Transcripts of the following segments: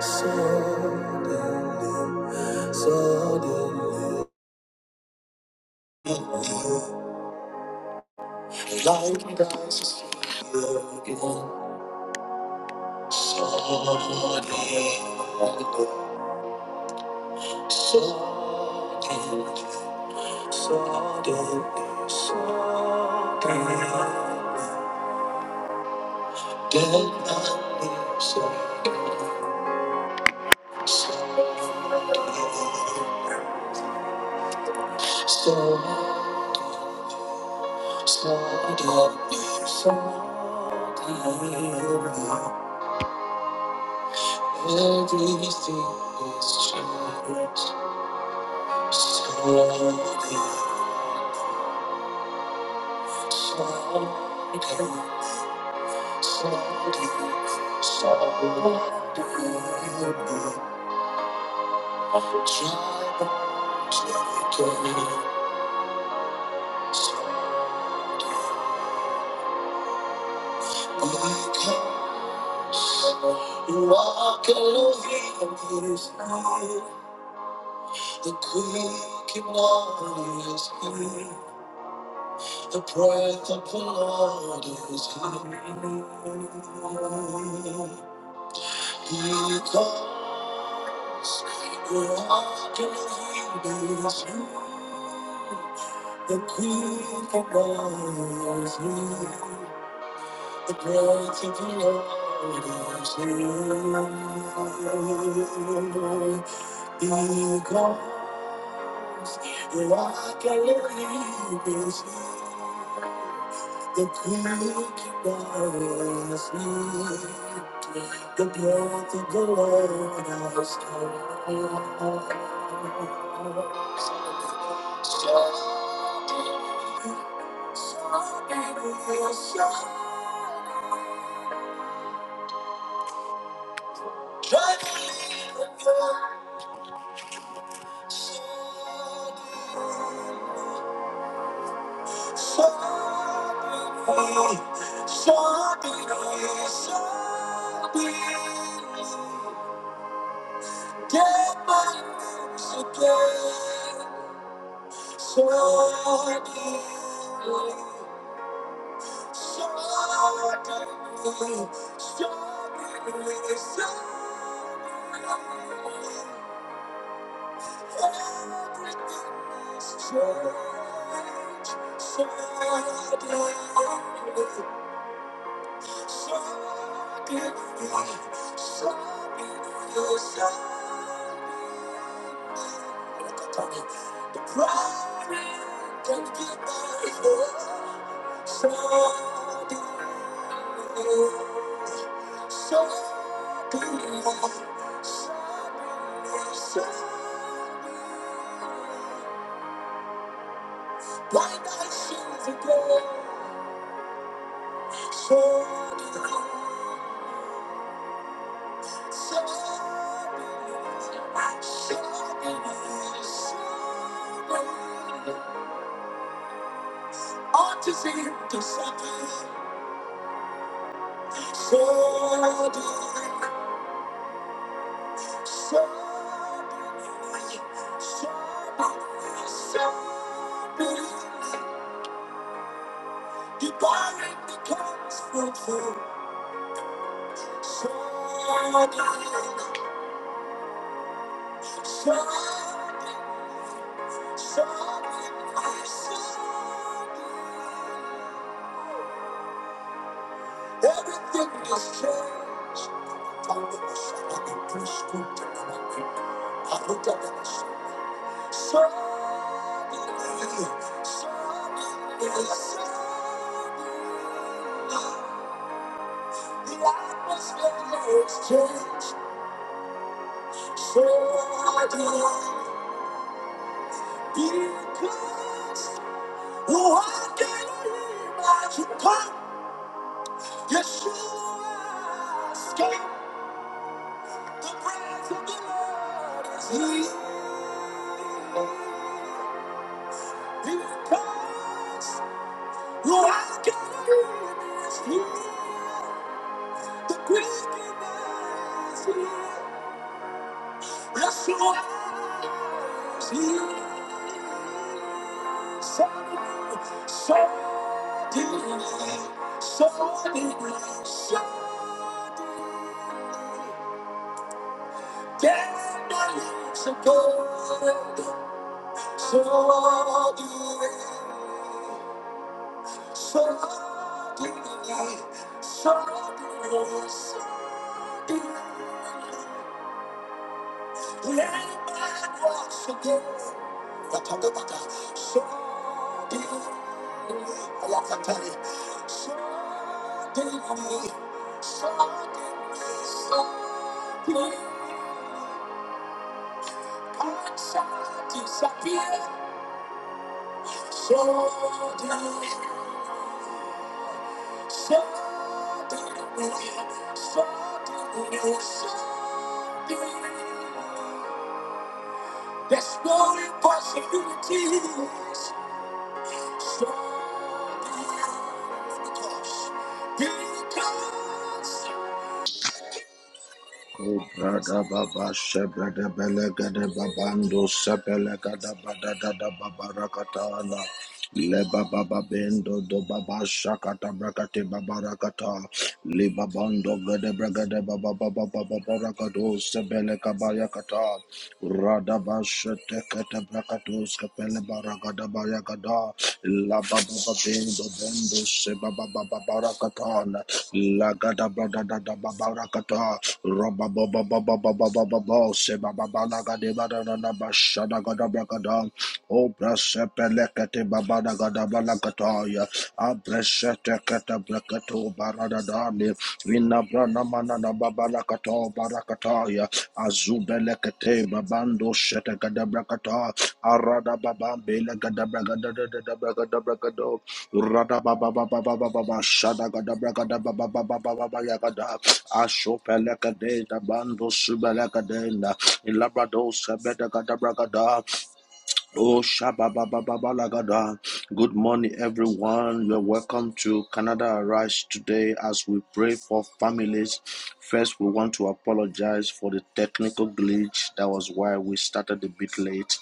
Suddenly, suddenly, light rises here again. Suddenly, suddenly, suddenly, suddenly, dead man lives again. Suddenly, so- suddenly, suddenly. Everything is changed. Something, something, something, something. Walk over his head, the quickening of his The breath of the Lord is here. He calls, walking in this. The people rise here. The breath of the Lord is here. He calls, walking in this. The creek was needed, the breath of the Lord has come. So, so beautiful, so Try to leave the door, so Suddenly, everything is changed. Suddenly, Why not see the glow? So Sobbing, sobbing, sobbing, sobbing. Everything is changed. I looked up at the sun. Suddenly, suddenly, suddenly, the atmosphere is changed. Suddenly, because who I can imagine come, Yeshua escaped the breath of the Lord. is here. Because you are God is here. The King is here. Yes, you are here. So deep, so deep, so deep, so deep, so good, so deep, so deep, so deep, so deep. Let a man once again. Rakadabada. So deeply. Rakatari. So deeply. So deeply. So deeply. I shall disappear. So deeply. So deeply. So deeply. So There's no impossibilities. So because because Brada baba shebrada belegade babando sebelegada badada da babarakatana le baba babendo do baba shakata brakate babarakata Libabando Gada Bragada Baba Baba Baba Barakados Sebele Kabaya Kata Radabasha Tekata Brakatos Kapele Baragada Bayagada La Baba Bendo Bendo Sebaba Baba Barakatan La Gada Brada Dada Babarakata Rabba Baba Baba Baba Baba Sebaba Balagade Badana Bashada Gada Bragada O brasepelekete babada gadabalakataya. Abresetekete breketo baradadani. Inabrana manana babalakato barakataya. Azubelekete babando shete shetekadabrakata. Arada babambele gadabragadadadabragadabrakado. Rada bababababababa shadagadabragadababababababagada. Ashopelekede dabando subelekede. Ilabrado sebedegadabragada. Oh, shabba Good morning, everyone. You're welcome to Canada Arise today as we pray for families. First, we want to apologize for the technical glitch. That was why we started a bit late.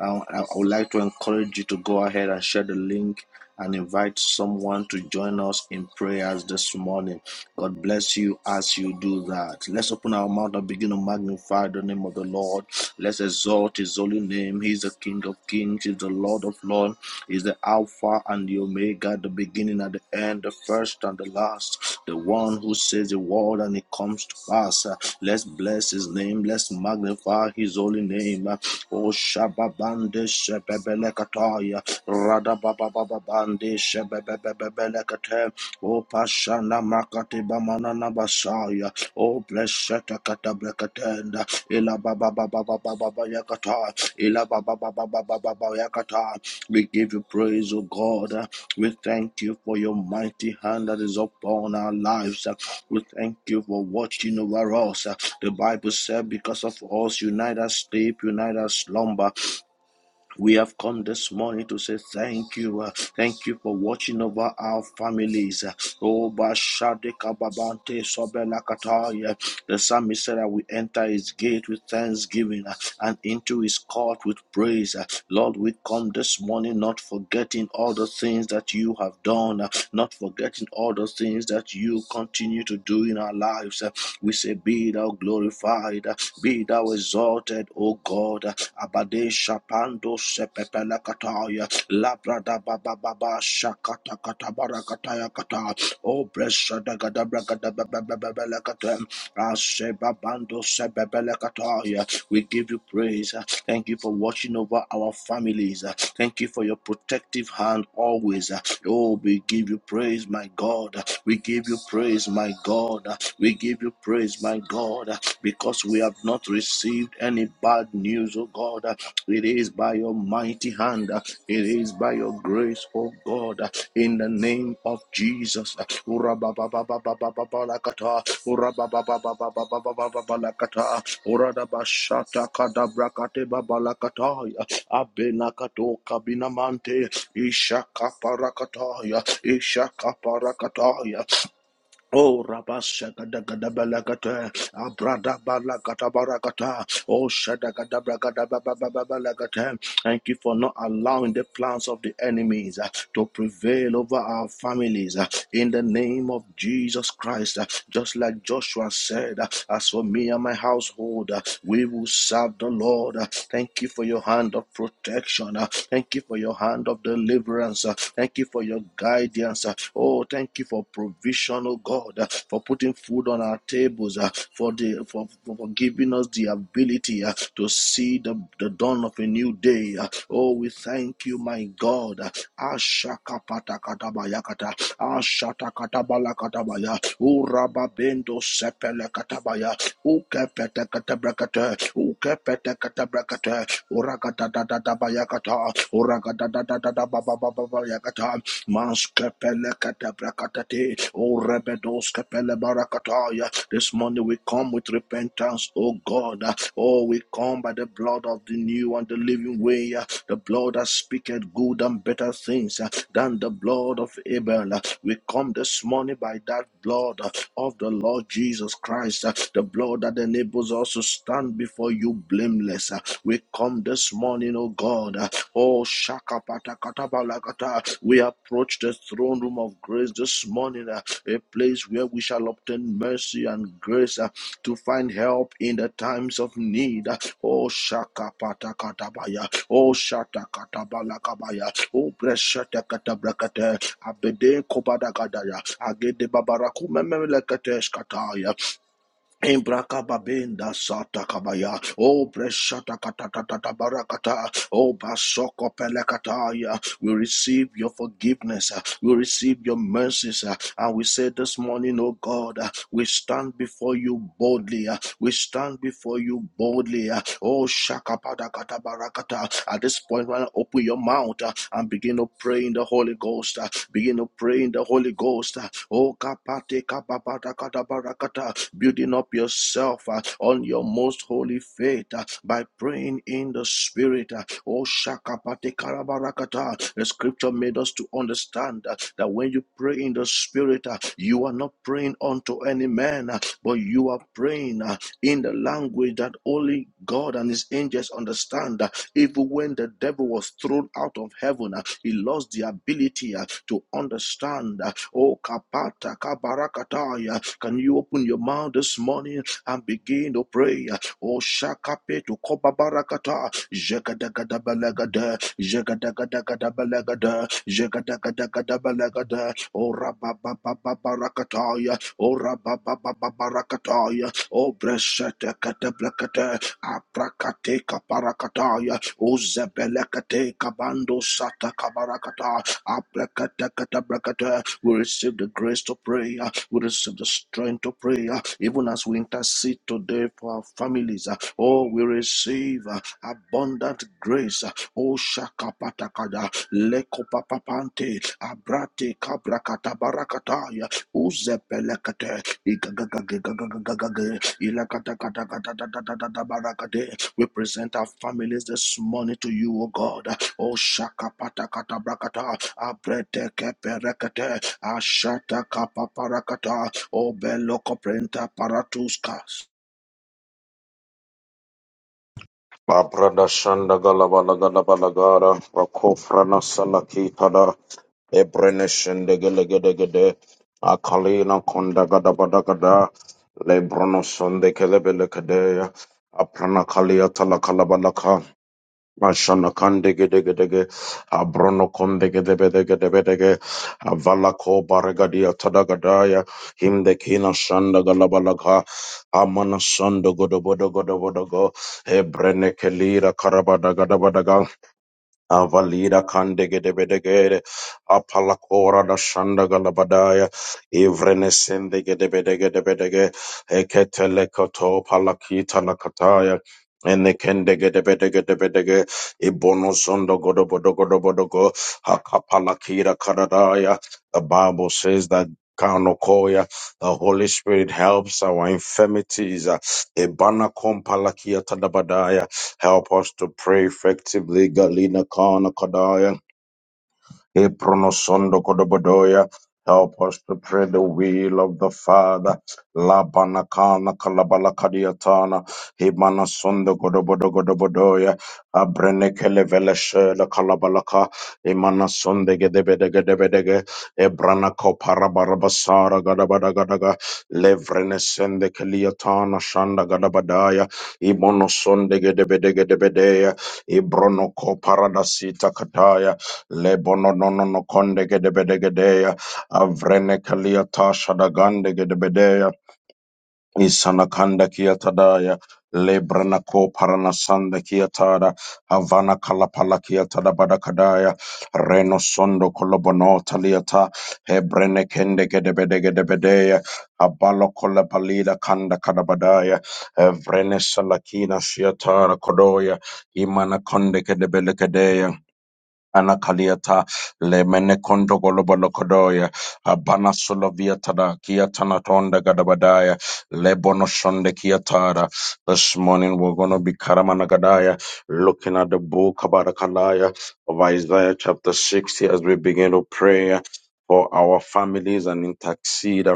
Uh, I I would like to encourage you to go ahead and share the link and invite someone to join us in prayers this morning. God bless you as you do that. Let's open our mouth and begin to magnify the name of the Lord. Let's exalt his holy name. He's the King of kings, he's the Lord of lords, he's the Alpha and the Omega, the beginning and the end, the first and the last, the one who says the word and it comes to pass. Uh, Let's bless his name. Let's magnify his holy name. Uh, Oh, Shababande Kapaya, Rada Baba Baba Bandi, Shebebebebelekate, O Pashana Makati Bamanana Basaya, O Blesseta Katabrekatenda, Ila Baba Baba Baba Yakata, Ila Baba Baba Baba Yakata. We give you praise, O God. We thank you for your mighty hand that is upon our lives. We thank you for watching over us. The Bible said, Because of us, you neither sleep, you neither slumber. We have come this morning to say thank you. uh, thank you for watching over our families. uh. Oh, Bashadika Babante Sobelakataya. The psalmist said that we enter his gate with thanksgiving uh, and into his court with praise. uh. Lord, we come this morning not forgetting all the things that you have done, uh, not forgetting all the things that you continue to do in our lives. uh. We say, Be thou glorified, uh, be thou exalted, O God. uh, Abade Shap Pando sepepele kataya, labrada baba baba shakata katabara kataya kata. Oh, blessed gada bragada bebele kata. Aseba bando sepepele kataya. We give you praise. Thank you for watching over our families. Thank you for your protective hand always. Oh, we give you praise, my God. We give you praise, my God. We give you praise, my God, because we have not received any bad news, oh God. It is by your mighty hand. uh, It is by your grace, oh God. uh, In the name of Jesus. uh, Urabababababababalakata, Urababababababababalakata, Uradabashatakadabrakatebababakataya, Abenakatokabinamante, Ishakaparakataya, Ishakaparakataya. Oh, Rabashakadakadabalakata, Abradabalagadabrakata, Oh, Shadakadabragadabababalakata. Thank you for not allowing the plans of the enemies uh, to prevail over our families uh, in the name of Jesus Christ. uh, Just like Joshua said, uh, As for me and my household, uh, we will serve the Lord. Uh, Thank you for your hand of protection. uh, Thank you for your hand of deliverance. uh, Thank you for your your guidance. uh. Oh, thank you for provision, oh God, uh, for putting food on our tables, uh, for the for, for, giving us the ability uh, to see the, the dawn of a new day. uh. Oh, we thank you, my God. uh. Ashakapatakatabaya, Ashatakatabalakatabaya, Urababendo sepelekatabaya, Ukepetekatabrakata, Ukepetekatabrakata, urakatatatabaya yakata uragada da da da yakata maskepele kata brakatate urebedos kepele barakataya this morning we come with repentance O God oh we come by the blood of the new and the living way the blood that speaketh good and better things than the blood of Abel we come this morning by that blood of the Lord Jesus Christ the blood that enables us to stand before you call you blameless. Uh, We come this morning, oh God. uh, Oh Shakapatakatabala. We approach the throne room of grace this morning, uh, a place where we shall obtain mercy and grace uh, to find help in the times of need. Uh, Oh Shakapatakatabaya. Oh Shatakatabala Oh Breshakatabrakate. Abede Kobadagadaya. Agede Babarakumemekateshkataya. Embrakababenda sata kabaya. Oh, preshata katakata barakata. Oh, basoko pelekataya. We receive your forgiveness. uh, We receive your mercies. uh, And we say this morning, oh God, uh, we stand before you boldly. uh, We stand before you boldly. uh, Oh, shakapada katabarakata. At this point, when I open your mouth, account uh, and begin to pray in the Holy Ghost. uh, Begin to pray in the Holy Ghost. uh, Oh, kapate kapapata katabarakata, building up yourself uh, on your most holy faith uh, by praying in the Spirit. uh, Oh, shakapate karabarakata. The Scripture made us to understand uh, that when you pray in the Spirit, uh, you are not praying unto any man, uh, but you are praying uh, in the language that only God and His angels understand. uh, even when the devil was thrown out of heaven, uh, he lost the ability uh, to understand. uh, Oh, kapata kabarakataya. Can you open your mouth this morning and begin to pray? uh, Oh, shakape to kobabarakata. Jekadakadabalagada. Jekadakadakadabalagada. Jekadakadakadabalagada. Oh, rababababarakataya. Oh, rababababarakataya. Oh, Breshete katablakata. Aprakate kaparakataya. Ozebelekate kabando sata kabarakata aprekate katabrakate. We receive the grace to pray. uh, We receive the strength to pray. uh, Even as we intercede today for our families. uh, Oh, we receive uh, abundant grace. O Shakapatakada, Lekopapapante, Abrate Kabrakata Barakataya, Uzepelekate, Igagagagagagagagagag, Ilakatakatakatatatatatata Barakade. We present our families this morning to you, O God. O Shakapatakata Brakata, Abrete Keperekate, Ashata Kapaparakata, O Belokoprenta Paratuskas. Babrada shanda gala bala gala bala gara rakofrana salaki tada ebrene shende akalina konda gada bada gada lebrono sonde kele bele kede aprana kalia tala Ashana kande gede gede ge, abrono konde gede bede gede bede ge, avala ko baragadia tadagadaya, himde kina shanda galabalaga, amana shanda godo bodo godo bodo go, ebrene kelira karabada gada Avalida Kandegedebedegede, Apalakora da Shandagalabadaya, Ivrenesendegedebedegedebedege, Eketelekato Palakita Lakataya, Enekendegedebedegedebedege, Ibonosondo Godobodogodobodogo, Hakapalakira Karadaya. The Bible says that Kanokoya, the Holy Spirit helps our infirmities. Ebana Kompalakia Help us to pray effectively. Galina Kana Kadaya. Epronosondo kodobodoya. Help us to pray the will of the Father. Labanakana kalabalakadiatana. Himanasondo kodobodo kodobodoya. Abrenekele veleshele kalabalaka. Imanasonde gedebede gedebedege. Ebranako parabarabasara gadabadagadaga. Levrenesende keliatana shanda gadabadaya. Imonosonde gedebede gedebedeya. Ibronoko paradasita kataya. Lebono no no no konde gede bede gedeya avrene kalia tasha da gande gede bedeya Isana Lebononono kondegedebedegedea, avrenekaliata shadagandegedebedea, ko parana sanda kia tada. havana kalapala kiatada badakadaya, renosondo kolobonota liata, hebrenekendegedebedegedebedea, abalo kolabalida kanda kadabadaya, evrenesalakina shiatara kodoya, imana konde gede bele Anakaliata le menekondo golobolokodoya abana soloviatara kiatana tonda gadabadaya le bonoshonde kiatara. This morning we're going to be karamanagadaya looking at the book Kabarakalaya of Isaiah chapter 60 as we begin to pray for our families and intercede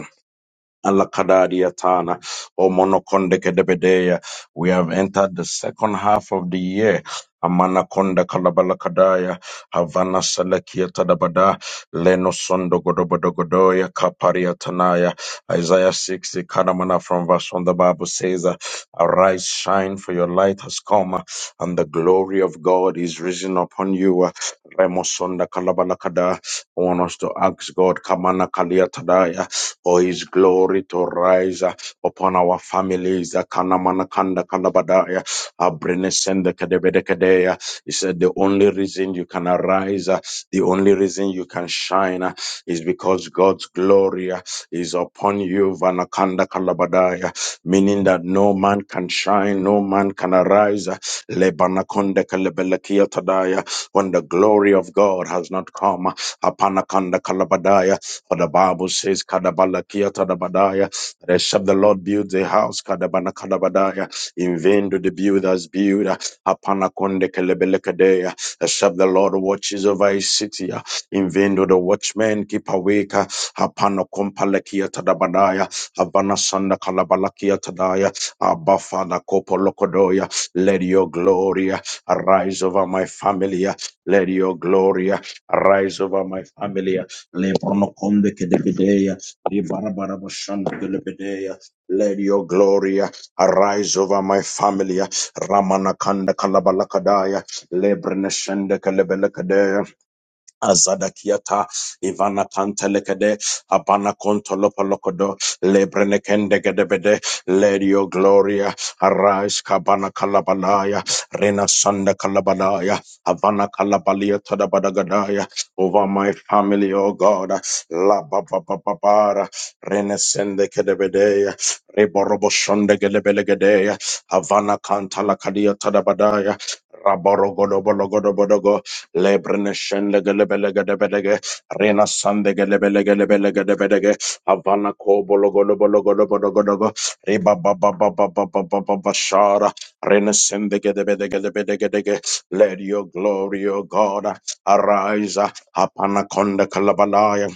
Alakadariatana, Omonokondekedebedeya. We have entered the second half of the year. Amanakonda Kalabalakadaya, Havana Salakia Tadabada, Leno Sondo Godobodogodoya, Kaparia Tanaya, Isaiah 60, Kadamana from verse 1, the Bible says, uh, Arise, shine, for your light has come, uh, and the glory of God is risen upon you. Uh, Remo Sonda Kalabalakada. I want us to ask God, Kamana Kalia Tadaya for his glory to rise uh, upon our families. Uh, Kanamana kanda kanabadaya, abrene sende kedebede kedeya. He said, The only reason you can arise, uh, the only reason you can shine uh, is because God's glory uh, is upon you, Vanakanda Kalabadaya, meaning that no man can shine, no man can arise. uh, Lebanakonde Kalebelekia Tadaya, when the glory of God has not come. uh, Hapanakanda Kalabadaya. For the Bible says, Kadabalakia Tadabadaya, the shall the Lord builds a house, Kadabana Kadabadaya. In vain do the builders build, Hapanakonde Kelebelekadea. The shall the Lord watches over his city. uh, In vain do the watchmen keep awake, Hapanakompalakia Tadabadaya, Havana Sanda Kalabalakia Tadaya, Abba Father Kopolokodoya. Let your glory uh, arise over my family. uh, Let your glory uh, arise over my family. uh, Le Kedebedeya, Le Barabarabashanda Let your glory arise over my family. Ramanakanda Kalabalakadaya, Le Breneshende Kelebelekadeya. Azadakiata, Ivana Pantelekede, Abana Kontolopolokodo, Lebrenekendegedebede, Ledio Gloria, Arise Kabana Kalabalaya, Rena Sanda Kalabalaya, Havana Kalabalia Tadabadagadaya, over my family, oh God, La Baba Babara, Renesende Kedebedea, Reborobosondegedebelegedeya, Havana Kantala Kadia Tadabadaya, Raborogodobodogodobodogo, Lebrne shende gelebele gedebedege. Rena sande gelebele gelebele gedebedege. Havana kobolo golo bolo golo bolo golo go. Riba ba ba ba ba ba ba ba ba ba shara. Rena sende gedebede gedebede gedege. Let your glory, O God, arise. Hapana konda kalabalaya.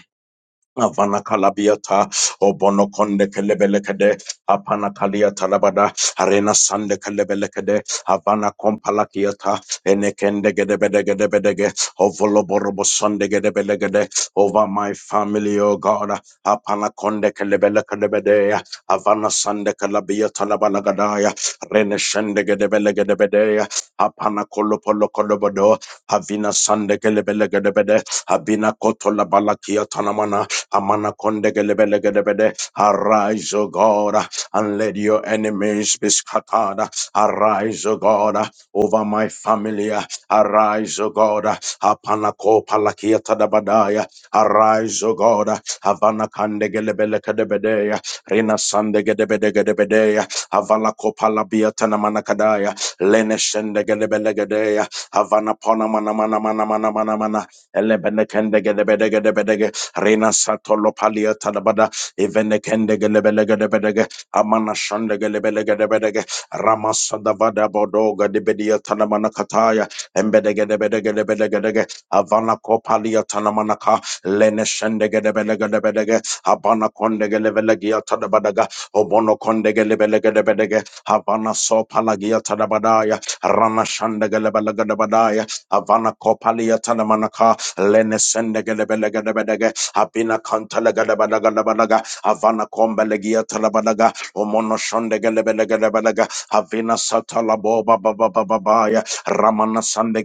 Avana kalabiata, obono konde kelebelekede, apana kalia talabada, arena sande kelebelekede, avana kompalakiata, enekende gedebede gedebedege, ovolo borobo sonde gedebelegede, over my family, O God, apana konde kelebelekede, avana sande kalabiata labalagada, rene shende gedebelegebede, apana kolopolo kolobodo, avina sande kelebelegede, abina koto labalakia tanamana, Amana konde gelebele gedebede. Arise, O God, and let your enemies be scattered. Arise, O God, over my family. Arise, O God. Apanako palakiata dabadaya. Arise, O God. Havana kande gelebele kedebedea. Rina sande gedebede gedebedea. Havala kopala biatana manakadaya. Lene shende gelebele gedea. Havana pona mana mana mana mana mana mana. Elebene kende gedebede gedebede Rena Satolo Palia Tadabada, Evenekende Gelebelegadebedege, Amana Shandegelebelegadebedege, Ramasadavada Bodoga Debedia Tanamanakataya, Embedegedebedegedebedegadege, Avana Kopalia Tanamanaka, Lene Shendegedebedegadebedege, Abana Kondegelevegia Tadabadaga, Obono Kondegelebedegadebedege, Havana Sopalagia Tadabadaya, Rana Shandegelebedegadebadaya, Avana Kopalia Tanamanaka, Lene Sendegelebedegadebedege, Abina kantala gadabada gadabada Avana kombelegia talabada Omono shonde gadabada gadabada Avina satala boba baba baba baya Ramana sande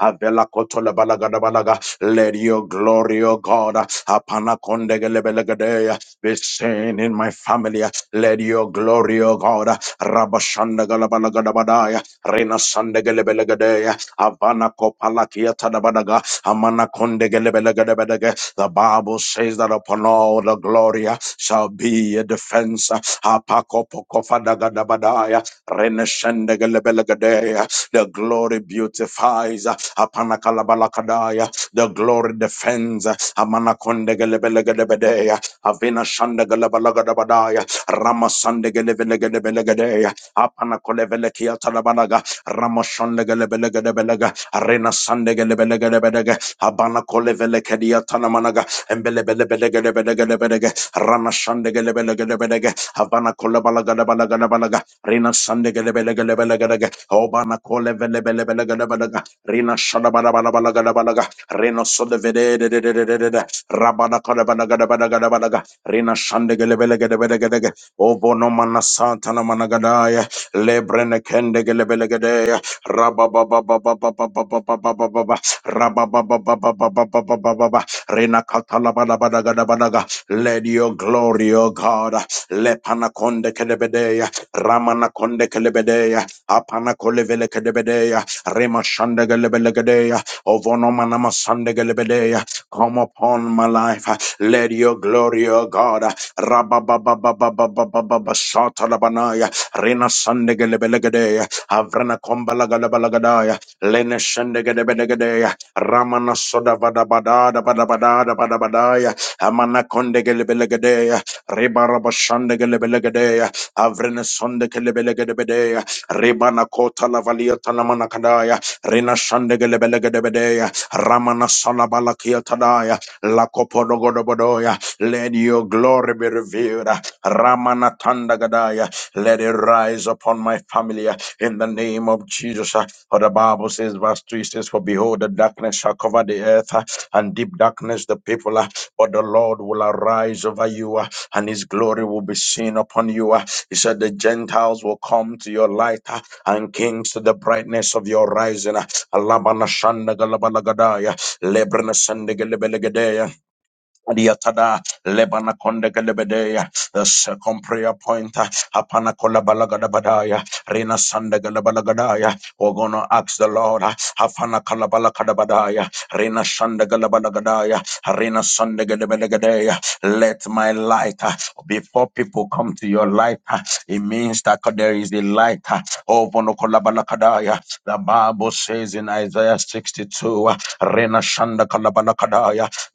Avela kotola Let your glory, O God, Apana konde gadabada be seen in my family. Let your glory, O God, Rabashanda gadabada gadabada Rena sande gadabada Avana kopalakia talabada Amana konde gelebele gedebedege. The Bible says that upon all the glory uh, shall be a defense. uh, Apako poko fadagadabadaya. Reneshende gelebele The glory beautifies. uh, Apana kalabalakadaya. The glory defends. uh, Amana konde gelebele gedebedea. Avina shande gelebelegadabadaya. Rama sande Apana kolevele kiatalabalaga. Ramashon legelebele Arena sande gelebelegedebelega. Abana kolevele kedia tanamanaga. Embelebelebelegebelegebelege. Rana shandegelebelegebelege. Abana kolebalagadabalagadabalag. Rina sandegelebelegebelege. Obana kolevelebelegebelege. Rina shada bala bala bala gede bele gede. Rino sode vede de de de de de de de. Rabana kolebalagadabalagadabalaga. Rina shandegelebelegebelege. Obono mana santana managadaya. Lebrene kendegelebelegedeya. Rabba Rabababababababababa. Renakatalabadabadagadabadaga. Let your glory, O God, lepanakonde kelebedeya, ramanakonde kelebedeya, apanakolevele kelebedeya, remashande gelebelegedeya, ovonomanama sande gelebedeya. Come upon my life. Let your glory, O God, rabababababababababa. Shatalabanaya, rena sande gelebelegedeya, avrena kombalagalabalagadaya, lene shende Ramana soda vada bada da bada bada da bada bada ya. Amana konde gelebelege ya. Ribara bashande gelebelege ya. Avrene sonde gelebelege bede ya. Ribana kota la valia tanamana kadaya. Rina shande gelebelege bede ya. Ramana sala balakia tadaya. La kopodogo bodoya. Let your glory be revealed. Ramana tanda gadaya. Let it rise upon my family in the name of Jesus. For the Bible says, verse 3 says, For behold, the darkness shall cover the earth, uh, and deep darkness the people. uh, But the Lord will arise over you, uh, and his glory will be seen upon you. uh." He said, The Gentiles will come to your light, uh, and kings to the brightness of your rising. uh. Alabanashandagalabalagadaya, lebrenasandagalebelegedeya. Adiatada Lebana Konde Galebedeya the second prayer point uh, Apana Kolabalagadabadaya Rina Sande Galabalagadaia. We're gonna ask the Lord Afana Kalabalakadabadaya Rina Sande Galabalagadaia Rina Sande Galabalagadeia Let my light uh, before people come to your light uh, it means that there is a light uh, over no Kolabalakadaia the Bible says in Isaiah 62 uh, Rina Shanda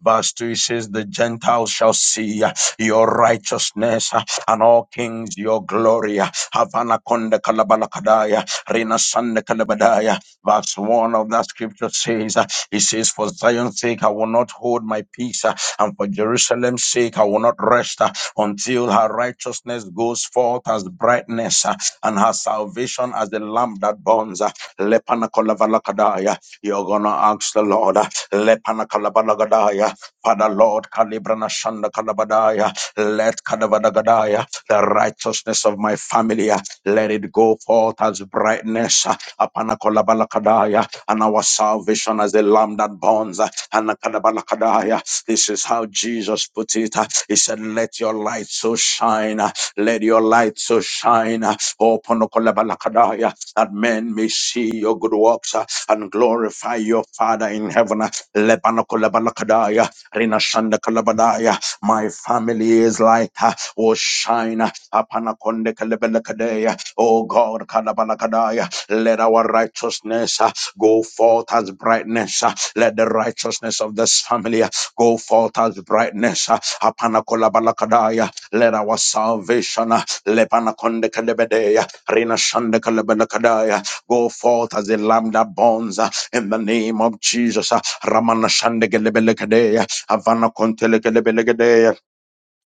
Verse 2 says, The Gentiles shall see uh, your righteousness uh, and all kings your glory. Havana Konde Kalabalakadaya, Rina Sande Kalabadaya. Verse 1 of that scripture says, uh, It says, For Zion's sake, I will not hold my peace, uh, and for Jerusalem's sake, I will not rest uh, until her righteousness goes forth as brightness uh, and her salvation as the lamp that burns. uh, Lepana Kolavalakadaya. You're gonna ask the Lord, uh, Lepana Kalabanagadaya, Father Lord, Kalibrana Shanda Kalabadaya, let Kadavadagadaya, the righteousness of my family, uh, let it go forth as brightness, uh, Apana Kalabalakadaya, and our salvation as the lamb that burns, uh, and Kadabalakadaya. This is how Jesus put it. uh, He said, Let your light so shine, uh, let your light so shine, uh, Oh, that men may see your good works uh, and glorify your Father in heaven. uh. Lebanakolabakadaya, Rinashandakalabadaya. My family is like uh, oh shine uh, upon a konde kalebelekadea. Oh God, kalabalakadaya. let our righteousness uh, go forth as brightness. uh. Let the righteousness of this family uh, go forth as brightness. uh, upon a kolabalakadaya. Let our salvation uh, lebanakonde kalebedea. Rina shanda kalabala kadaya. Go forth as a lamb that bonds uh, in the name of Jesus. uh, Ramana shanda kalabala kadaya. Havana kontele Gelebele kadaya.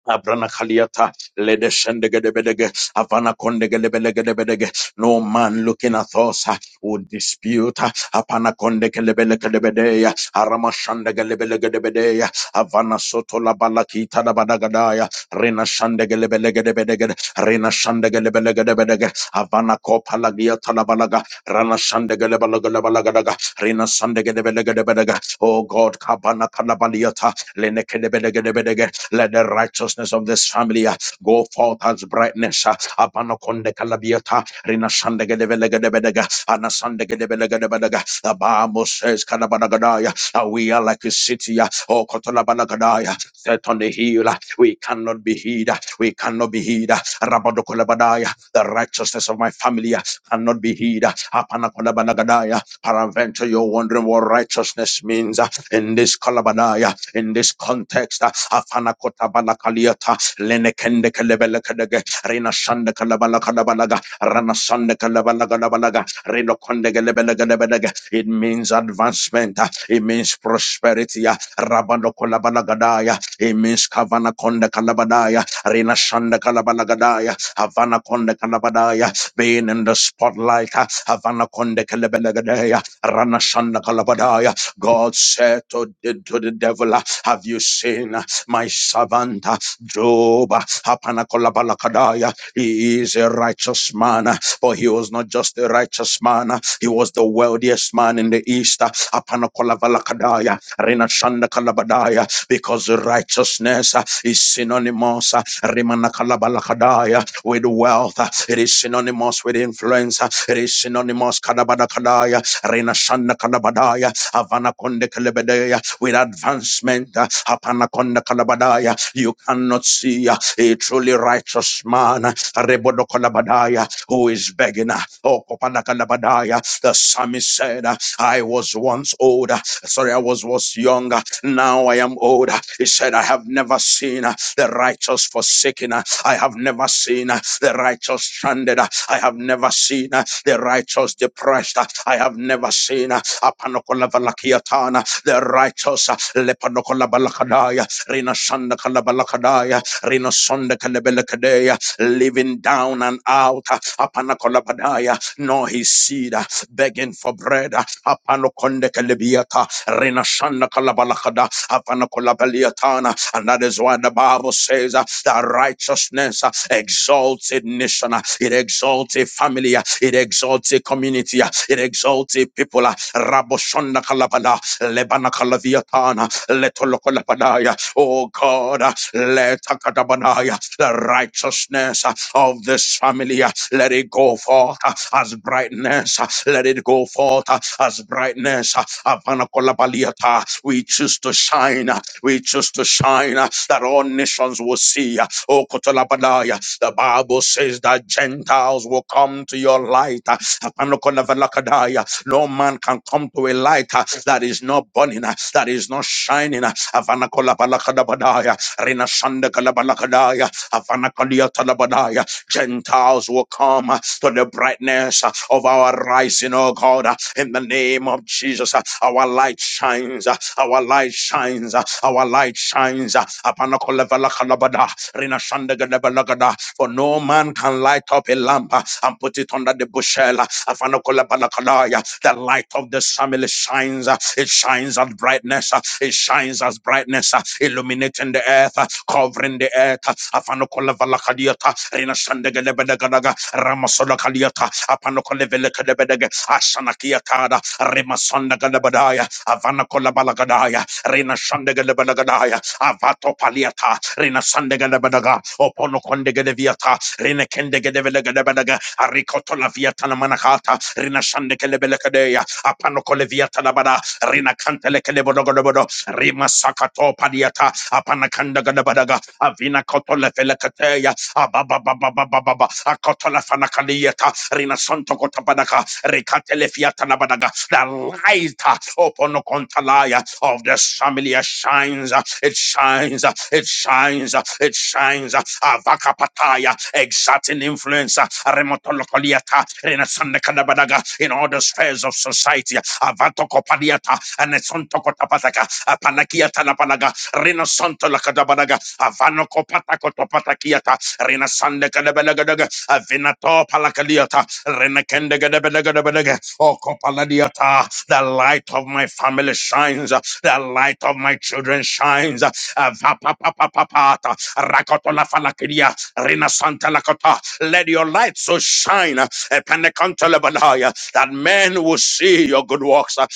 Abrana Kaliata, Lede Shendegedebedege, Avana Kondegelebelegebedege. No man looking at us uh, would dispute. uh, Apana Kondekelebelegedebedea, Arama Shandegelebelegedebedea, Avana Sotola Balakita da Badagadaya, Rena Shandegelebelegebedege, Rena Shandegelebelegebedege, Avana Kopalagia Talabalaga, Rana Shandegelebelegebedege, Rena Shandegelebelegebedege. Oh God, Kabana Kalabaliata, Lenekedebelegebedege, let the righteousness of this family uh, go forth as brightness. uh, Abanakonde kalabiata, rinashandegedebelegedebelega, anasandegedebelegedebelega. The Bible says, "Kadabanagadaya," uh, we are like a city, uh, oh, Kotolabanakadaya, set on the hill. uh, We cannot be hid. uh, We cannot be hid. uh, Rabadokolabadaya, The righteousness of my family uh, cannot be hid. uh, Apanakodabanagadaya. Paraventure, you're wondering what righteousness means uh, in this Kolabadaya, in this context. uh, afana kota bala kaliata lene kende kelebele kedege rena shande kelebala kadabalaga rana shande kelebala kadabalaga reno konde kelebele kedebelege it means advancement it means prosperity rabano kolabala gadaya it means kavana konde kalabadaya rena shande kalabala gadaya havana konde kalabadaya being in the spotlight havana konde kelebele gedaya rana shande kalabadaya God said to the, to the devil, Have you seen? my servant uh, Job, uh, Hapanakolabalakadaya, he is a righteous man, uh, but he was not just a righteous man, uh, he was the wealthiest man in the east, Hapanakolabala kadaya. Hapanakolabalakadaya, Renashandakalabadaya, because righteousness uh, is synonymous uh, Rimanakalabalakadaya, with wealth, uh, it is synonymous with influence, uh, Reshinonimos Kadabadakadaya, Rena Shanda Kadabadaya, Havana Konde Kalebedea, with advancement, uh, Hapana Konde Kalabadaya, you cannot see uh, a truly righteous man, uh, Rebodo Kalabadaya, who is begging, uh, oh Kopana Kalabadaya, the psalmist said, uh, I was once older, sorry, I was once younger, now I am older. He said, I have never seen uh, the righteous forsaken, uh, I have never seen uh, the righteous stranded. uh, I have never seen uh, the righteous depressed. uh, I have never seen uh, Apanokolabalakiatana, the righteous uh, Lepanokolabalakodaya, Rina Sanda Kalabalakadaya, Rina Sonda Kalebelekadea, living down and out uh, Apanakolabadaya, nor his seed. uh, begging for bread. Apano konde kelebiata, rena shanda kalabalakada, apano kolabaliatana. And that is why the Bible says uh, that righteousness uh, exalts a nation, uh, it exalts a family, uh, it exalts a community, uh, it exalts a people. uh, Rabo shanda kalabala, lebana kalaviatana, letolokolapadaya. Oh God, uh, let akadabanaya, the righteousness uh, of this family. uh, let let it go forth uh, as brightness. uh, Let it go forth uh, as brightness. uh, Havana Kolabaliata. We choose to shine. uh, We choose to shine uh, that all nations will see. uh, Oh, Kotolabadaya. The Bible says that Gentiles will come to your light. uh, Havana Kolabalakadaya. No man can come to a light uh, that is not burning, uh, that is not shining. uh, Havana Kolabalakadabadaya. Rina Shanda Kalabalakadaya. Makaliatalabadaya. Gentiles will come uh, to the brightness uh, of our rising, oh God, uh, in the name of Jesus. uh, Our light shines, uh, our light shines, uh, our light shines. uh, Apanakolevalakalabada, Rinashandagadabalagadada. For no man can light up a lamp uh, and put it under the bushel. uh, Afanakolabalakalaya. The light of this family shines, uh, it shines as brightness, uh, it shines as brightness, uh, illuminating the the earth, uh, covering the earth. Afanokola valakadiata, Rina Shandegadebedagadaga, Ramasola Kaliata, Apanokola Velekadebedeg, Ashanakiatada, Rimasonda Gadabadaya, Avanakola Balagadaya, Rina Shandegadebadagadaya, Avato Paliata, Rina Sandegadebadaga, Oponokondegadeviata, Rina Kendegadevelegadabedaga, Aricotola Viatana Manakata, Rina Shandekelebelekadea, Apanokola Viatanabada, Rina Cantele Bodobodo, Rima Sakato Padiata Apanakanda Gadabadaga Avina Kotola Felekateya Ababa Baba Baba Baba Akotola Fanakalieta Rina Santo Kotabadaga Rikatele Fiata Nabadaga The light uh, upon the Kontalaya of the Samilia shines uh, it shines uh, it shines uh, it shines uh, Avaka Pataya exerting influence uh, Remotolokoliata Rina Sandakadabadaga in all the spheres of society avato kopaniata anesonto kotapataka apanakiata lapanaga renosonto lakadabanaga avano kopata kotopatakiata renasande kadabelagadaga avinato palakaliata renakende gadabelagadabelaga o kopaladiata the light of my family shines the light of my children shines avapapapapata rakoto lafalakidia renasanta lakota let your light so shine upon the that men will see your good works. uh,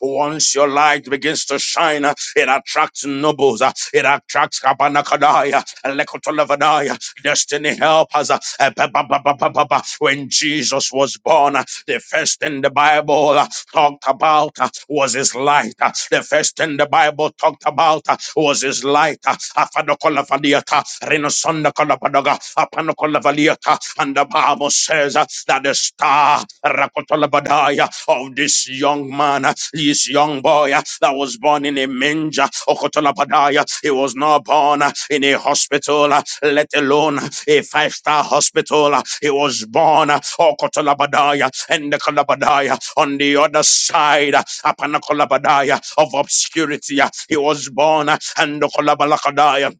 Once your light begins to shine, uh, it attracts nobles, uh, it attracts destiny helpers. uh, eh, When Jesus was born, uh, the first thing the Bible uh, talked about uh, was his light. uh, The first thing the Bible talked about uh, was his light. uh, Apanokolavaliyata. And the Bible says uh, that the star Rakotolabadaya, of this young man, uh, this young boy uh, that was born in a manger, Okotolabadaya, he was not born uh, in a hospital, uh, let alone a five star hospital. uh, He was born uh, Okotolabadaya and the Kolabadaya on the other side, uh, Apanakolabadaya of obscurity. uh, He was born uh, and the Kolabalakadaya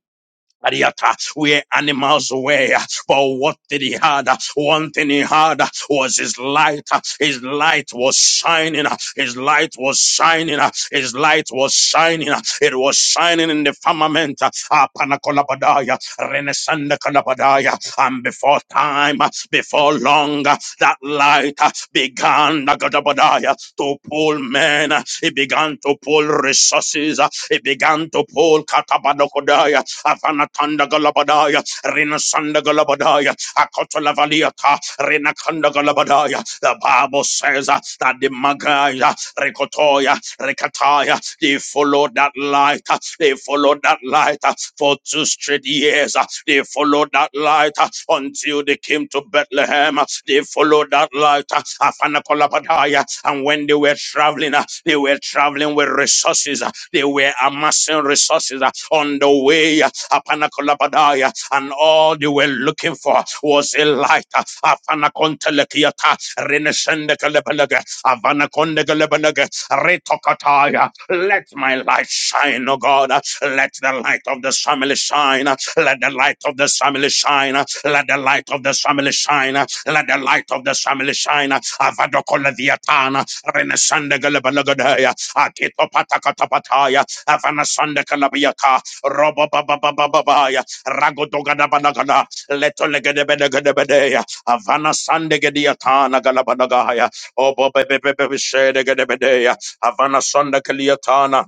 Ariata, we're animals away. But what did he had? One thing he had was his light. His light was shining. His light was shining. His light was shining. It was shining in the firmament. Apanakolabadaya, Renesandakolabadaya. And before time, before long, that light began Nagadabadaya, to pull men. Amen. He began to pull resources. He began to pull Katabanokodaya, Avanatanda Galabadaya, Rinasanda Galabadaya, Akotolavaliata, Rinakanda Galabadaya. The Bible says uh, that the Magaya, Rekotoya, Rekataya, they followed that light. uh, They followed that light uh, for two straight years. uh, They followed that light uh, until they came him to Bethlehem. uh, They followed that light. Afanakolabadaya. And when they were traveling, uh, they were traveling with resources. uh, They were amassing resources uh, on the way. uh, Apanakolabadaya. And all they were looking for was a light. uh, Afanakontelekiata. Reneshendekelebelege. Avanakondegelebelege. Retokataya. Let my light shine, O God. uh, Let the light of the family shine. uh, Let the light of the family shine. uh, let the light of the family shine. Let the light of the family shine. Avado Kolaviatana, Renesande Galabalagadaya, Akito Patakatapataya, Avanasande Kalabiata, Robo Baba Baba Babaya, Ragodogadabanaga, Letolegedebedegedebedeya, Avana Sande Gediatana Galabanagaya, Obo Bebe bebe Shede Gedebedeya, Avana Sonda Kaliatana,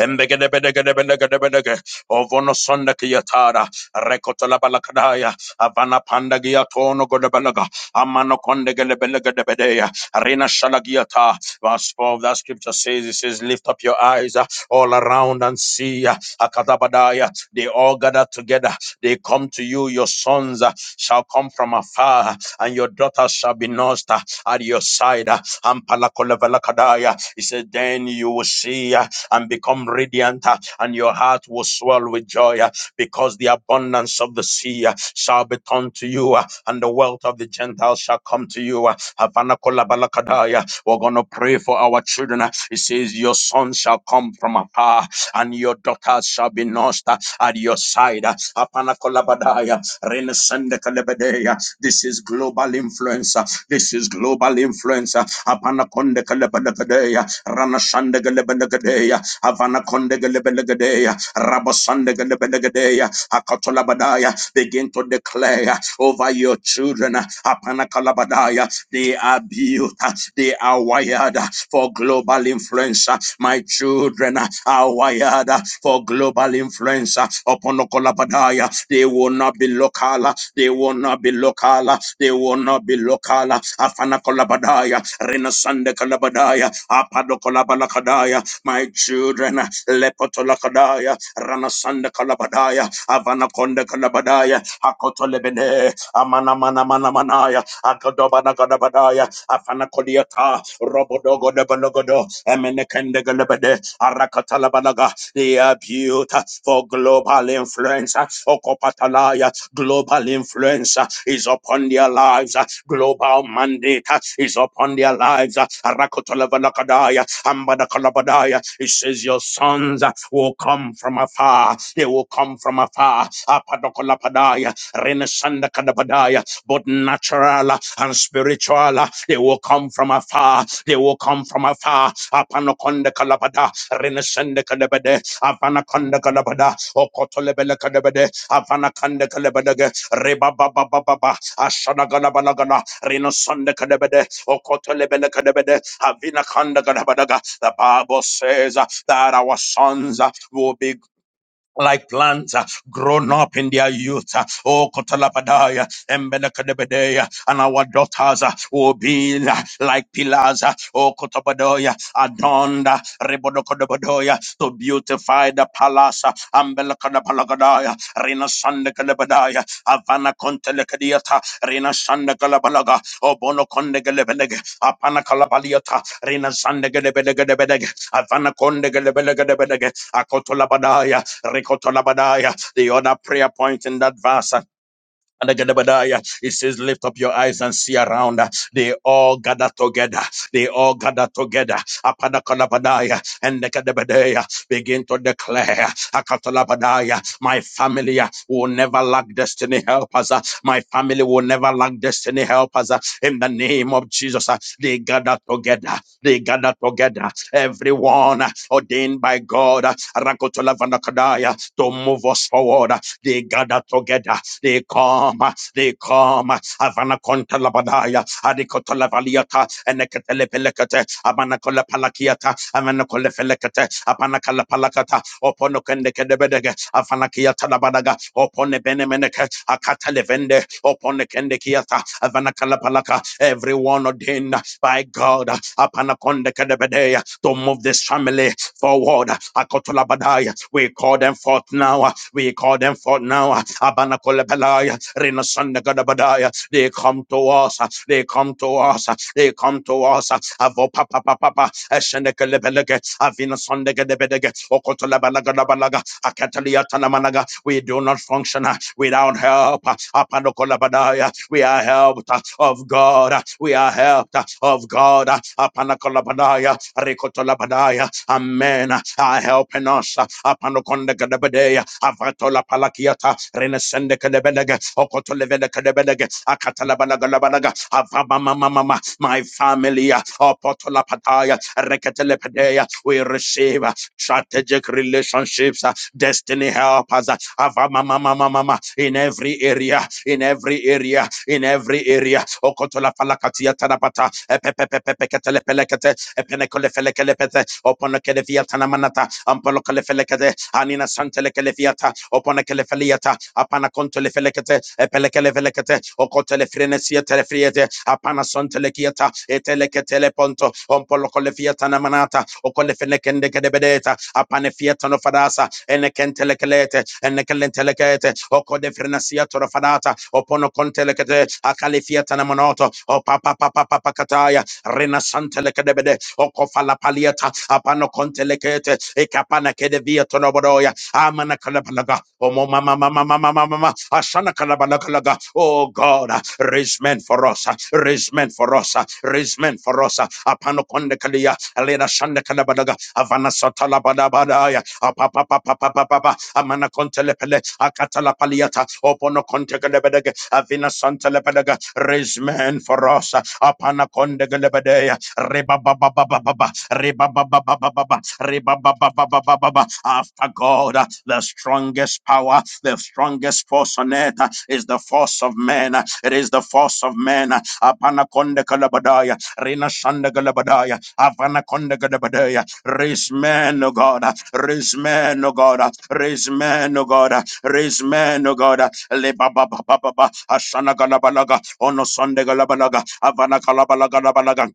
Embegedebedegedebedegedebedege. Ovono sonda kiyatara. Rekotala balakadaya. Avana panda giyatono godebelaga. Amano konde gelebelegedebedeya. Arena shalagiyata. Verse 12, that scripture says, it says, lift up your eyes uh, all around and see. uh, Akatabadaya. They all gather together. They come to you. Your sons uh, shall come from afar and your daughters shall be nursed uh, at your side. uh, Ampalakolevelakadaya. He said, Then you will see. uh, and become radiant, uh, and your heart will swell with joy uh, because the abundance of the sea uh, shall be turned to you, uh, and the wealth of the Gentiles shall come to you. uh, Havana We're going to pray for our children. uh, It says, Your son shall come from afar, and your daughters shall be nursed uh, at your side. uh, Havana Renesande Kalebedeya. This is global influencer. This is global influencer. Apanakonde Kalebelegadeya. Ranashande Galebelegadeya. Avanakonde Galebelegadeya. Rabosande Galebelegadeya. Akatolabadaya. Begin to declare over your children. Apanakalabadaya. They are built. They are wired for global influencer. My children are wired wired for global influence uh, upon Okolabadaya. They will not be local. uh, They will not be local. uh, They will not be local. Afana Kolabadaya, Renasande Kolabadaya, Apado Kolabalakadaya. My children, Lepoto Lakadaya, Ranasande Kolabadaya, Avana Konde Kolabadaya, Akoto Lebene, Amana Mana Mana Manaya, Akodoba Nagadabadaya, Afana Kodiata. Araka, Robodogo Debalogodo, Emenekendegalebede, Arakatalabalaga, They are abuse for global influence, Okopatalaya, global influence is upon their lives, global mandate is upon their lives, Arakotalabalakadaya, Ambadakalabadaya, it says your sons will come from afar, they will come from afar, Apadokolapadaya, Renesanda Kadabadaya, both natural and spiritual. They will come from afar. They will come from afar. Apanaconda Kalabada, Renesende Kalabade, Avanaconda Kalabada, Okotolebele Kalabade, Avanakanda Kalabade, Reba Baba Baba, Ashana Galabalagala, Renosende Kalabade, Okotolebele Kalabade, Avinakanda Kalabadaga. The Bible says uh, that our sons uh, will be like plants uh, grown up in their youth. uh, Oh, Kotalapadaya, Embedekadebedeya, and our daughters uh, will be uh, like pillars. uh, Oh, Kotabadaya, adorned, uh, Rebodokodabadoya, to beautify the palace. uh, Ambelakadapalagadaya, Rina Sandekadabadaya, Avana Kontelekadiata, Rina Sandekalabalaga, Obono Kondegelebelege, Apana Kalabaliata, Rina Sandegelebelegebelege, Avana Kondegelebelegebelege, Akotolabadaya, Rikotolabadaya, the other prayer point in that verse it says, Lift up your eyes and see around. They all gather together. They all gather together. Apadakadabadaya and Nekadabadaya begin to declare, Akatalabadaya, my family will never lack destiny helpers. My family will never lack destiny helpers. In the name of Jesus, they gather together. They gather together. Everyone ordained by God, Rakotolavandakadaya, to move us forward. They gather together. They come. They come. Havana conta labadaya. Adikota lavaliata. Enekatele pelekate. Abana kola palakiata. Amana kola felekate. Apana kala palakata. Opono kende kedebedege. Afana kiata labadaga. Opone benemeneke. Akata levende. Opone kende kiata. Avana kala palaka. Everyone ordained by God, upon a to move this family forward. Akotolabadaya. We call them forth now. We call them forth now. Abanakolebelaya. Rinasanagadabadaya. They come to us. They come to us. They come to us. Avo papa papa. Eshenekelebelege. Avina sondegedebedege. Okotolabalagadabalaga. Sanamanaka. We do not function uh, without help. uh, Apanakolabadaya. We are helped uh, of God. uh, We are helped uh, of God. uh, Apanakolabadaya. Rikotolabadaya. Amen. uh, Are helping us. uh, Apanokondakadabadaya. Avatolapalakiata. Renesendekadebelege. Okotolevedekadebelege. Akatalabanagalabanaga. Avamamamamama. My family. uh, Opotolapataya. Reketelepedea. We receive uh, strategic relationships destiny help us. Ava mama mama mama in every area, in every area, in every area. Okotola falakatia tarapata, epepepepekete epenekolefelekelepete, oponokelefia tanamanata, ampolokolefelekete, anina santelekelefiata, oponokelefeliata, apana kontolefelekete, epelekelefelekete, okotelefirenesia telefriete, apana sontelekiata, eteleketeleponto, ompolokolefiata namanata, okolefenekendekedebedeta, apane fiata no enekentelekete enekentelekete okodefrenasia torofanata oponokontelekete akalifiata namonoto opapapapapakataya renasantelekebede okofalapaliata apanokontelekete ekapanakedevia tonobodoya amanakalabalaka omomamamamamamamama ashanakalabalakalaga oh god raise men for us raise men for us raise men for us Apano apanokondekalia alena shandekalabalaka avana satala apapapapapapapa amana kontelepele akatala paliata opono kontegelebedege avina santelepedege raise men for us apana kondegelebedea ribabababababa ribabababababa ribabababababa after God the strongest power the strongest force on earth ah, is the force of men ah. it is the force of men apana kondegelebedea rina sandegelebedea avana konde galabadaya Raise men, O God. Raise men, O God. Raise men, O God. Raise men, O God. Le ba ba ba ba ba. Ashana galabalaga. Ono sonde galabalaga. Avana galabalaga.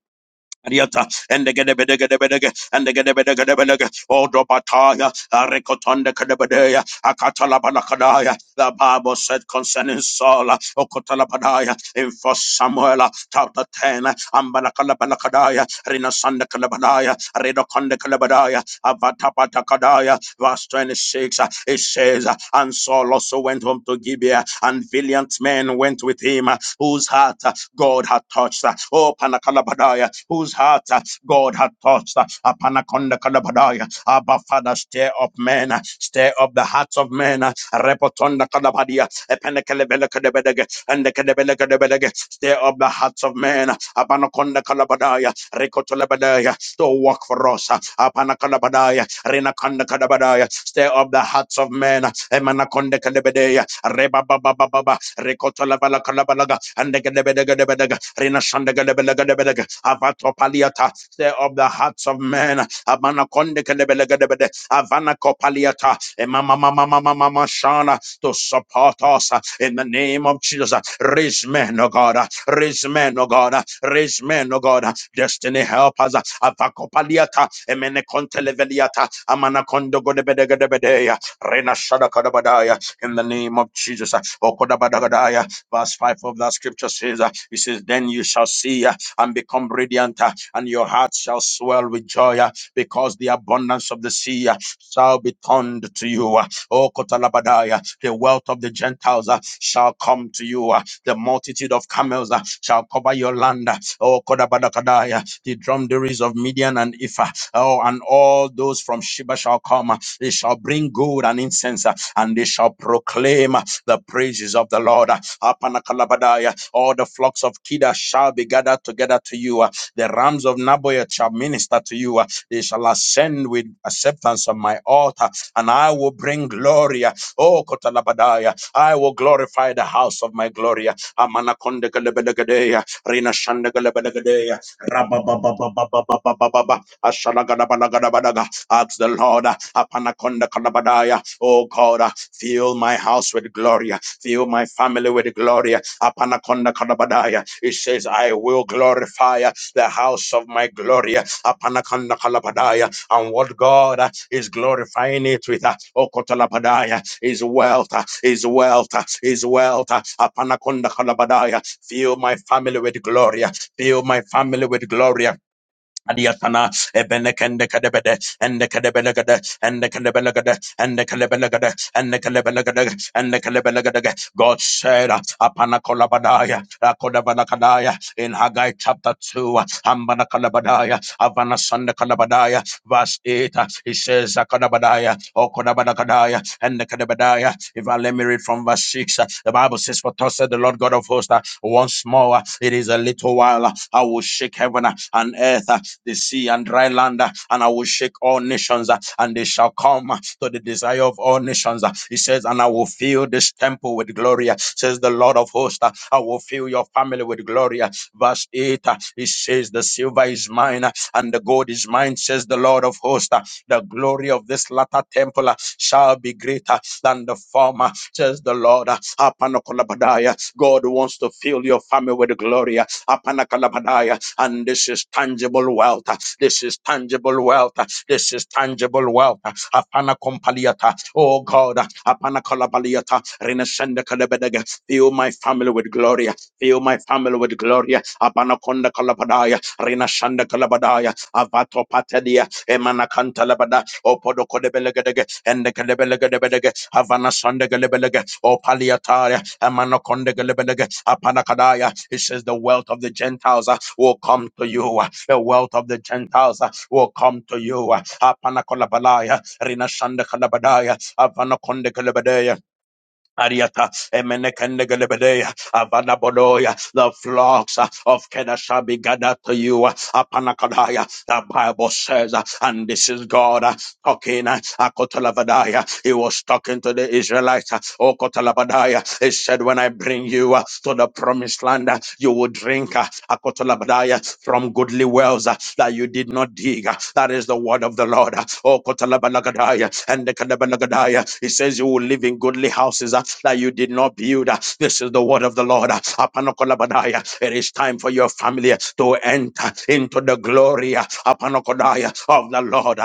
Ariata, and the Gedebedegedebedege, and the Gedebedegedebedege, Odo Bataya, Arekotonde Kedebedea, Akatalabanakadaya. The Bible said concerning Saul, O Okotalabanaya, in First Samuel chapter 10, Ambanakalabanakadaya, Rinasanda Kalabanaya, Redokonde Kalabadaya, Avatapatakadaya, verse 26, uh, it says, And Saul also went home to Gibeah, and valiant men went with him, whose heart uh, God had touched. uh, Oh, Panakalabadaya, whose heart uh, God had touched. uh, Apanakonda Kalabadaya. Abba, Father, stir up men, uh, stir up the hearts of men. uh, Repotonda Kalabadia, Epenekelebelekadebedege, and the Kedebelekadebedege. Stir up the hearts of men. uh, Abanakonda Kalabadaya, Rekotolabadaya. Still work for us. Apanakadabadaya, Renakandakadabadaya. Stir up the hearts of men. Emanakonde Kadebedea, reba Baba Baba, Recotola kalabalaga, Emanakondekadebedea, Rebababababa, Rekotolabalakadabalaga, Andekedebedegedebedega, Renashandegedebelegedebelega, Avatopaliata. Stir up the hearts of men. Amanakondekadebelegebede, Avanakopaliata, shana To support us uh, in the name of Jesus. Uh, Raise men, oh God. uh, Raise men, oh God. uh, Raise men, oh God. uh, Destiny help us avakopaliata emene konteleveliata amanakondo godebedegedebedeya rena shadakodabadaya in the name of Jesus okodabadagadaya verse 5 of that scripture says uh, it says then you shall see uh, and become radiant uh, and your heart shall swell with joy uh, because the abundance of the sea uh, shall be turned to you uh, O Kotalabadaya, the wealth of the Gentiles uh, shall come to you. uh, The multitude of camels uh, shall cover your land. uh, O Kodabadakadaya, the dromedaries of Midian and Ephah. Oh, and all those from Sheba shall come. They shall bring gold and incense, uh, and they shall proclaim uh, the praises of the Lord. Uh, All the flocks of Kida shall be gathered together to you. uh, The rams of Naboyah shall minister to you. uh, They shall ascend with acceptance on my altar, and I will bring glory. uh, Oh, Kotalabadaya, I will glorify the house of my glory. uh, Amanakondekalebelegedeya, Rina shande galebelegedeya, Rabba Ashalagadabalagadabadaga. Ask the Lord, uh, Apanaconda Kalabadaya, oh God, uh, fill my house with glory, uh, fill my family with glory. uh, Apanaconda Kalabadaya. It says, I will glorify uh, the house of my glory. uh, Apanaconda Kalabadaya. And what God uh, is glorifying it with, uh, oh Kotalabadaya, is wealth, uh, is wealth, uh, is wealth. uh, Apanaconda Kalabadaya. Fill my family with glory. uh, Fill my family with glory. Adiatana, Ebenekendekadebede, and the Kadebelegade, and the Kadebelegade, and the Kadebelegade, and the Kadebelegade, and the Kadebelegade. God said, Apanakolabadaya, Akodabalakadaya, in Haggai chapter 2, Ambanakalabadaya, Avana Sandakalabadaya, verse 8, he says, Akodabadaya, Okodabalakadaya, and the Kadebedaya. If I let me read from verse 6, the Bible says, For thus said the Lord God of hosts, once more, it is a little while, I will shake heaven and earth, the sea and dry land, uh, and I will shake all nations, uh, and they shall come uh, to the desire of all nations. uh, He says, and I will fill this temple with glory, uh, says the Lord of hosts. uh, I will fill your family with glory. uh, Verse 8, uh, he says, the silver is mine, uh, and the gold is mine, says the Lord of hosts. uh, The glory of this latter temple uh, shall be greater than the former, says the Lord. uh, Apanakolabadaya. God wants to fill your family with glory. uh, Apanakalabadaya. And this is tangible wealth. This is tangible wealth. This is tangible wealth. Apana kompaliata. Oh God. Apana kolabaliata. Rinesende kalebedege. Fill my family with glory. Fill my family with glory. Apana konda kalabadaya. Rinashanda kalabadaya. Avato patedia. Emana kanta labada. Opodo kodebelegedege. Ende kalebelegebedege. Havana sande kalebelege. Opaliataya. Emana konde kalebelege. Apana kadaya. It says the wealth of the Gentiles will come to you. The wealth of the Gentiles uh, will come to you. Apana kolabalaya, rina shanda kalabadaya, avana konde kalabadaya. Ariata, emenekende kalabadaya, avana bodoya. The flocks uh, of Kedah shall be gathered to you. Apana The Bible says, uh, and this is God. uh, was talking. uh, Akotalabadaya. He was talking to the Israelites. uh, Oh, Kotalabadaya. He said, When I bring you uh, to the promised land, uh, you will drink uh, Akotalabadaya from goodly wells uh, that you did not dig. uh, That is the word of the Lord. uh, Oh, Kotalabalakadaya. And the Kadabalagadaya. He says, You will live in goodly houses uh, that you did not build. uh, This is the word of the Lord. uh, Apanokolabadaya. It is time for your family to enter into the glory. uh, Apanokodaya joy of the Lord.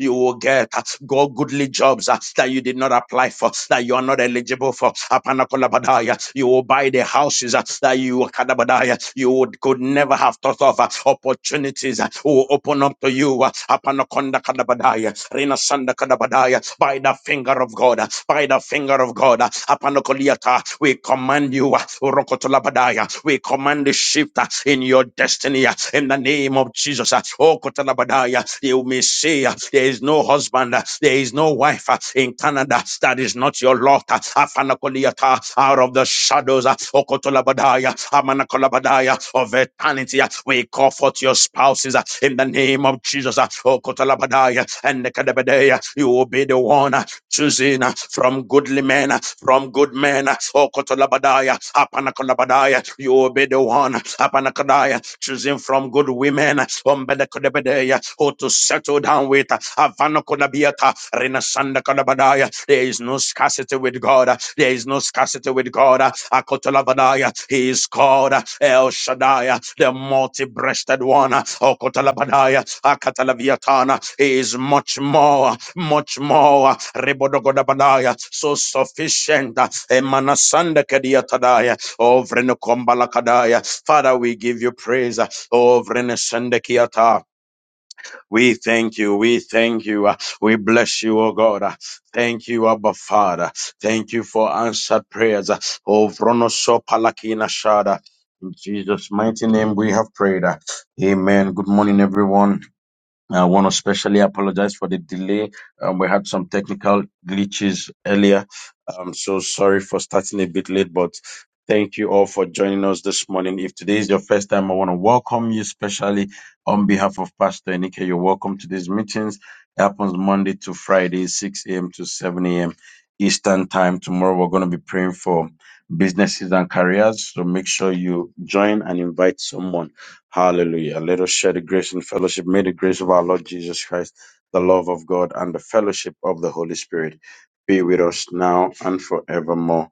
You will get uh, go goodly jobs uh, that you did not apply for, that you are not eligible for. You will buy the houses uh, that you you would, could never have thought of. uh, Opportunities uh, will open up to you. uh, By the finger of God, uh, by the finger of God. uh, We command you. uh, We command the shift uh, in your destiny. uh, Hallelujah. In the name of Jesus. uh, Oh, Kotalabadaya, you may say uh, there is no husband, uh, there is no wife uh, in Canada that is not your lot. uh, Afanakoliata, Out of the shadows, uh, oh, Kotolabadaya, Amanakolabadaya, of eternity, uh, we call forth your spouses uh, in the name of Jesus. uh, Oh, Kotalabadaya, and Nekadabadaya, you will be the one uh, choosing uh, from goodly men, uh, from good men. uh, Oh, Kotolabadaya, Apanakolabadaya, you will be the one one, Abanakadaya, choosing from good women, Ombedekadebedea, who to settle down with, Avanakodabiata, Renasandakadabadaya. There is no scarcity with God, there is no scarcity with God, Akotalabadaya, He is called El Shaddai, the multi breasted one, Okotalabadaya, Akatalaviatana, He is much more, much more, Rebodogodabadaya, so sufficient, Emanasandakadiatadaya. Oh, vreno kombala kadaya. Father, we give you praise. Oh, vreno sende kiata. We thank you. We thank you. We bless you, oh God. Thank you, Abba Father. Thank you for answered prayers. Oh, vreno so palakina shada. In Jesus' mighty name we have prayed. Amen. Good morning, everyone. I want to especially apologize for the delay. Um, we had some technical glitches earlier. I'm so sorry for starting a bit late, but thank you all for joining us this morning. If today is your first time, I want to welcome you, especially on behalf of Pastor Enike. You're welcome to these meetings. It happens Monday to Friday, 6 a.m. to 7 a.m. Eastern Time. Tomorrow, we're going to be praying for businesses and careers. So make sure you join and invite someone. Hallelujah. Let us share the grace and fellowship. May the grace of our Lord Jesus Christ, the love of God, and the fellowship of the Holy Spirit be with us now and forevermore.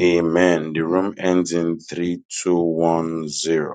Amen. The room ends in 3210.